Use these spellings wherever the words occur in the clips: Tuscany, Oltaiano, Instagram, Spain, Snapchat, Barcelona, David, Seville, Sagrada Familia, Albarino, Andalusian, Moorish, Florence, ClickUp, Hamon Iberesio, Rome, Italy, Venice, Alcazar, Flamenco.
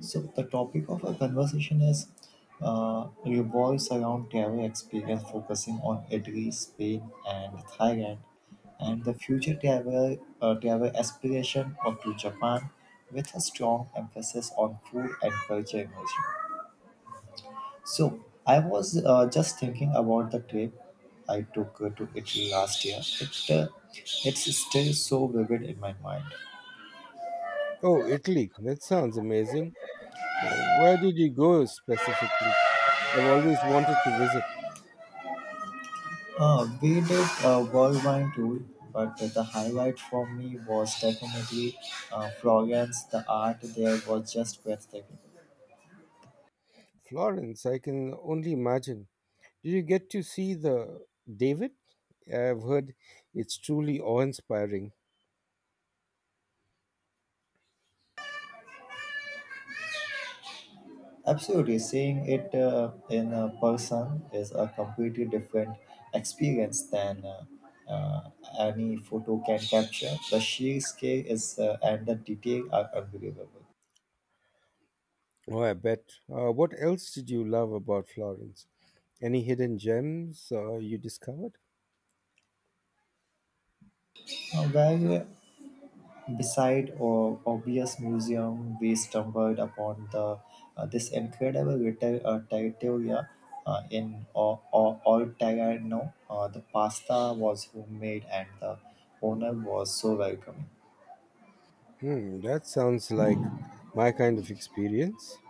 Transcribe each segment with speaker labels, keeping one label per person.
Speaker 1: So, the topic of our conversation is revolves around travel experience, focusing on Italy, Spain, and Thailand, and the future travel travel aspiration of to Japan, with a strong emphasis on food and culture immersion. So, I was just thinking about the trip I took to Italy last year. It's still so vivid in my mind.
Speaker 2: Oh, Italy. That sounds amazing. Where did you go specifically? I've always wanted to visit
Speaker 1: We did a worldwide tour, but the highlight for me was definitely Florence. The art there was just breathtaking.
Speaker 2: Florence. I can only imagine. Did you get to see the David? I've heard it's truly awe-inspiring.
Speaker 1: Absolutely, seeing it in person is a completely different experience than uh, any photo can capture. The sheer scale is and the detail are unbelievable.
Speaker 2: Oh, I bet. What else did you love about Florence? Any hidden gems you discovered?
Speaker 1: Where Beside our obvious museum, we stumbled upon the this incredible little trattoria in Oltaiano. The pasta was homemade and the owner was so welcoming.
Speaker 2: Hmm, that sounds like my kind of experience.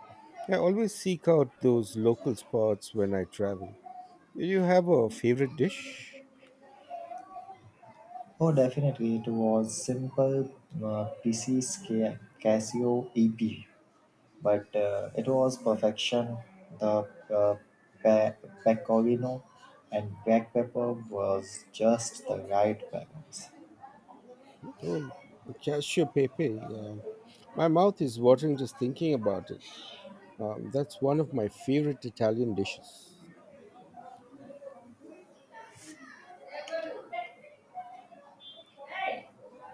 Speaker 2: I always seek out those local spots when I travel. You have a favorite dish?
Speaker 1: Oh, definitely, it was simple PC's Casio EP, but it was perfection. The pe- pecorino and black pepper was just the right balance.
Speaker 2: Oh, cashew pepe. My mouth is watering just thinking about it. That's one of my favorite Italian dishes.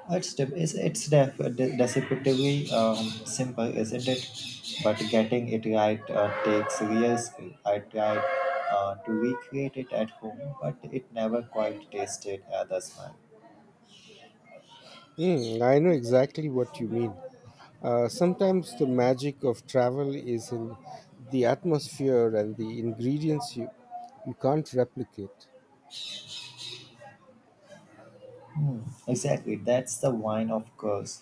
Speaker 1: It's deceptively simple, isn't it? But getting it right takes real skill. I tried to recreate it at home, but it never quite tasted the smile.
Speaker 2: Mm, I know exactly what you mean. Sometimes the magic of travel is in the atmosphere and the ingredients you can't replicate.
Speaker 1: Hmm, exactly, that's the wine, of course.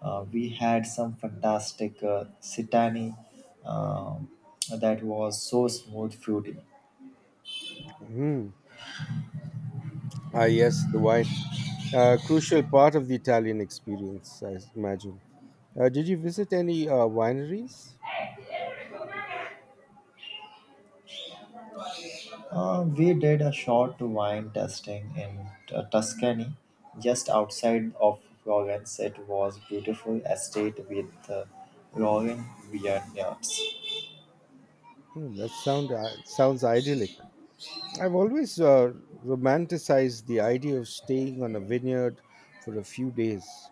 Speaker 1: We had some fantastic Sitani um that was so smooth, fruity.
Speaker 2: Mm. Ah, yes, the wine. A crucial part of the Italian experience, I imagine. Did you visit any wineries?
Speaker 1: We did a short wine tasting in Tuscany, just outside of Florence. It was beautiful estate with rolling vineyards.
Speaker 2: Hmm, That sounds idyllic. I've always romanticized the idea of staying on a vineyard for a few days.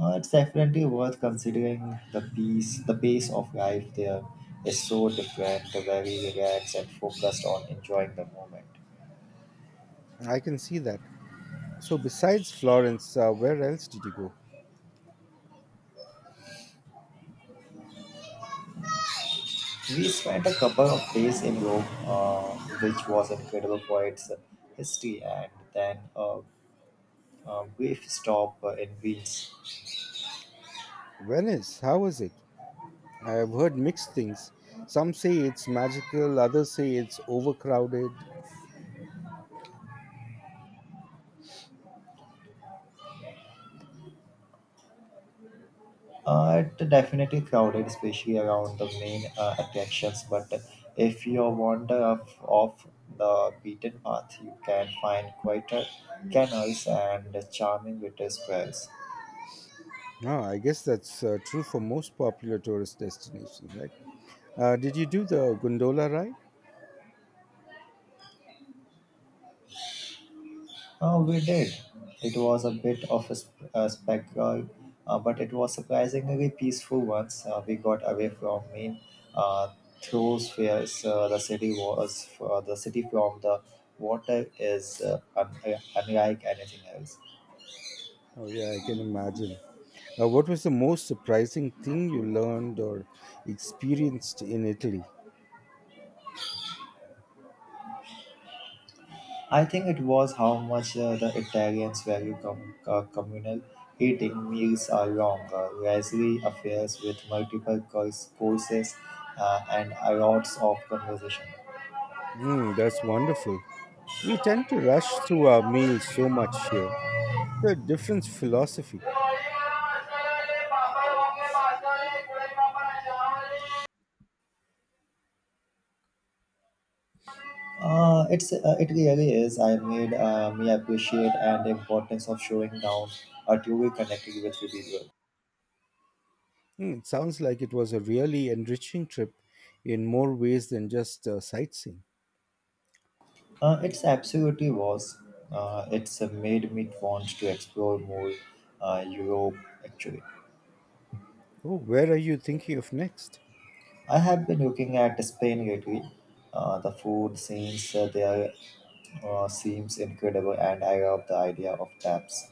Speaker 1: It's definitely worth considering the pace of life there is so different, very relaxed and focused on enjoying the moment.
Speaker 2: I can see that. So, besides Florence, where else did you go?
Speaker 1: We spent a couple of days in Rome, which was incredible for its history, and then a brief stop in Venice.
Speaker 2: Venice, how was it? I have heard mixed things. Some say it's magical, others say it's overcrowded.
Speaker 1: It's definitely crowded, especially around the main attractions. But if you wander off the beaten path, you can find quieter canals and charming little squares.
Speaker 2: Ah, I guess that's true for most popular tourist destinations, right? Did you do the gondola ride?
Speaker 1: Oh, we did. It was a bit of a spectacle, but it was surprisingly peaceful once we got away from main uh, thoroughfares. The city from the water is unlike anything else.
Speaker 2: Oh, yeah, I can imagine. What was the most surprising thing you learned or experienced in Italy?
Speaker 1: I think it was how much the Italians value communal eating. Meals are longer, leisurely affairs with multiple courses and a lots of conversation.
Speaker 2: Mm, that's wonderful. We tend to rush through our meals so much here. The different philosophy.
Speaker 1: It really is. I made me appreciate and the importance of showing down a two-way connecting with the people.
Speaker 2: Mm, it sounds like it was a really enriching trip in more ways than just sightseeing.
Speaker 1: It's absolutely was. It's Made me want to explore more Europe actually.
Speaker 2: Oh, where are you thinking of next?
Speaker 1: I have been looking at Spain lately. The food scenes there seems incredible, and I love the idea of taps.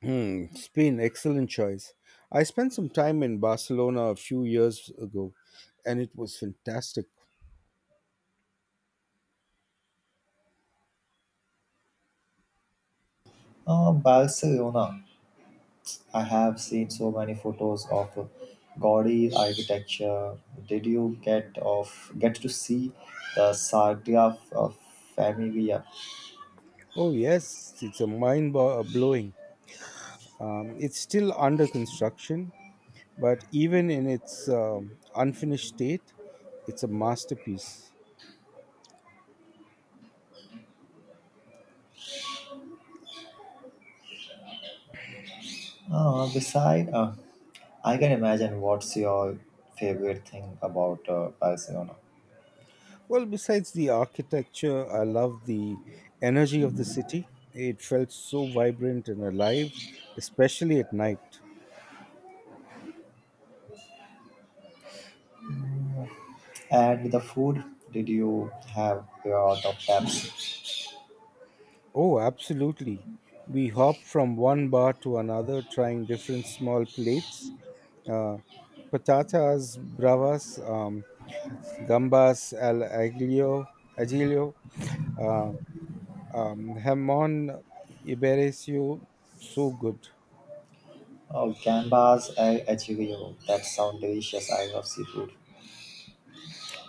Speaker 2: Hmm, Spain, excellent choice. I spent some time in Barcelona a few years ago, and it was fantastic.
Speaker 1: Barcelona. I have seen so many photos of gaudy architecture. Did you get to see the Sagrada of Familia?
Speaker 2: Oh yes, it's a blowing. It's still under construction, but even in its unfinished state, it's a masterpiece.
Speaker 1: Uh, beside, uh, I can imagine what's your favorite thing about Barcelona.
Speaker 2: Well, besides the architecture, I love the energy of the city. It felt so vibrant and alive, especially at night.
Speaker 1: And the food, did you have your top taps?
Speaker 2: Oh, absolutely. We hop from one bar to another, trying different small plates uh, patatas bravas, gambas al aglio, aglio uh, Hamon Iberesio, so good.
Speaker 1: Oh, gambas al ajillo. That sound delicious. I love seafood.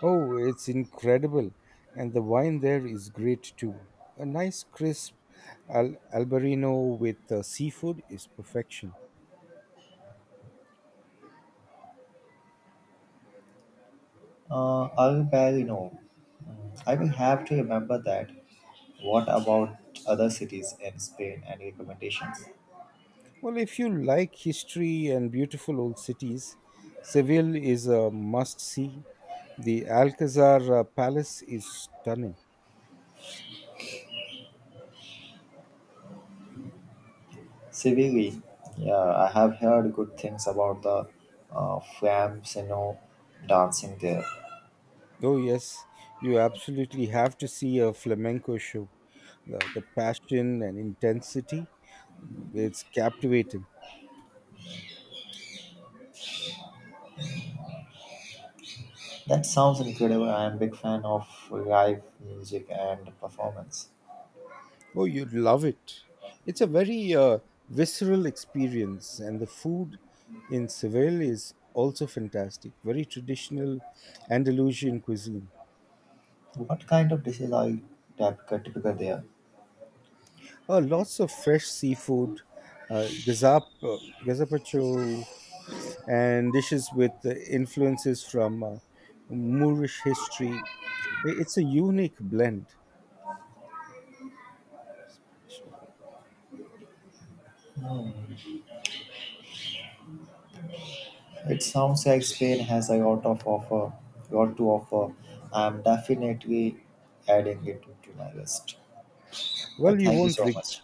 Speaker 2: Oh, it's incredible. And the wine there is great too. A nice crisp Albarino with seafood is perfection.
Speaker 1: Al no. I will have to remember that. What about other cities in Spain and recommendations?
Speaker 2: Well, if you like history and beautiful old cities, Seville is a must see. The Alcazar Palace is stunning.
Speaker 1: Seville, yeah, I have heard good things about the Flamsino dancing there.
Speaker 2: Oh, yes, you absolutely have to see a flamenco show. The passion and intensity, it's captivating.
Speaker 1: That sounds incredible. I am a big fan of live music and performance.
Speaker 2: Oh, you'd love it. It's a very visceral experience, and the food in Seville is also fantastic. Very traditional Andalusian cuisine.
Speaker 1: What kind of dishes are typical there?
Speaker 2: Lots of fresh seafood, uh, gazap, uh, gazapacho, and dishes with influences from Moorish history. It's a unique blend.
Speaker 1: Hmm, it sounds like Spain has a lot of offer, lot to offer. I am definitely adding it to my list.
Speaker 2: Well, you
Speaker 1: Thank you
Speaker 2: won't
Speaker 1: so
Speaker 2: reg-
Speaker 1: much.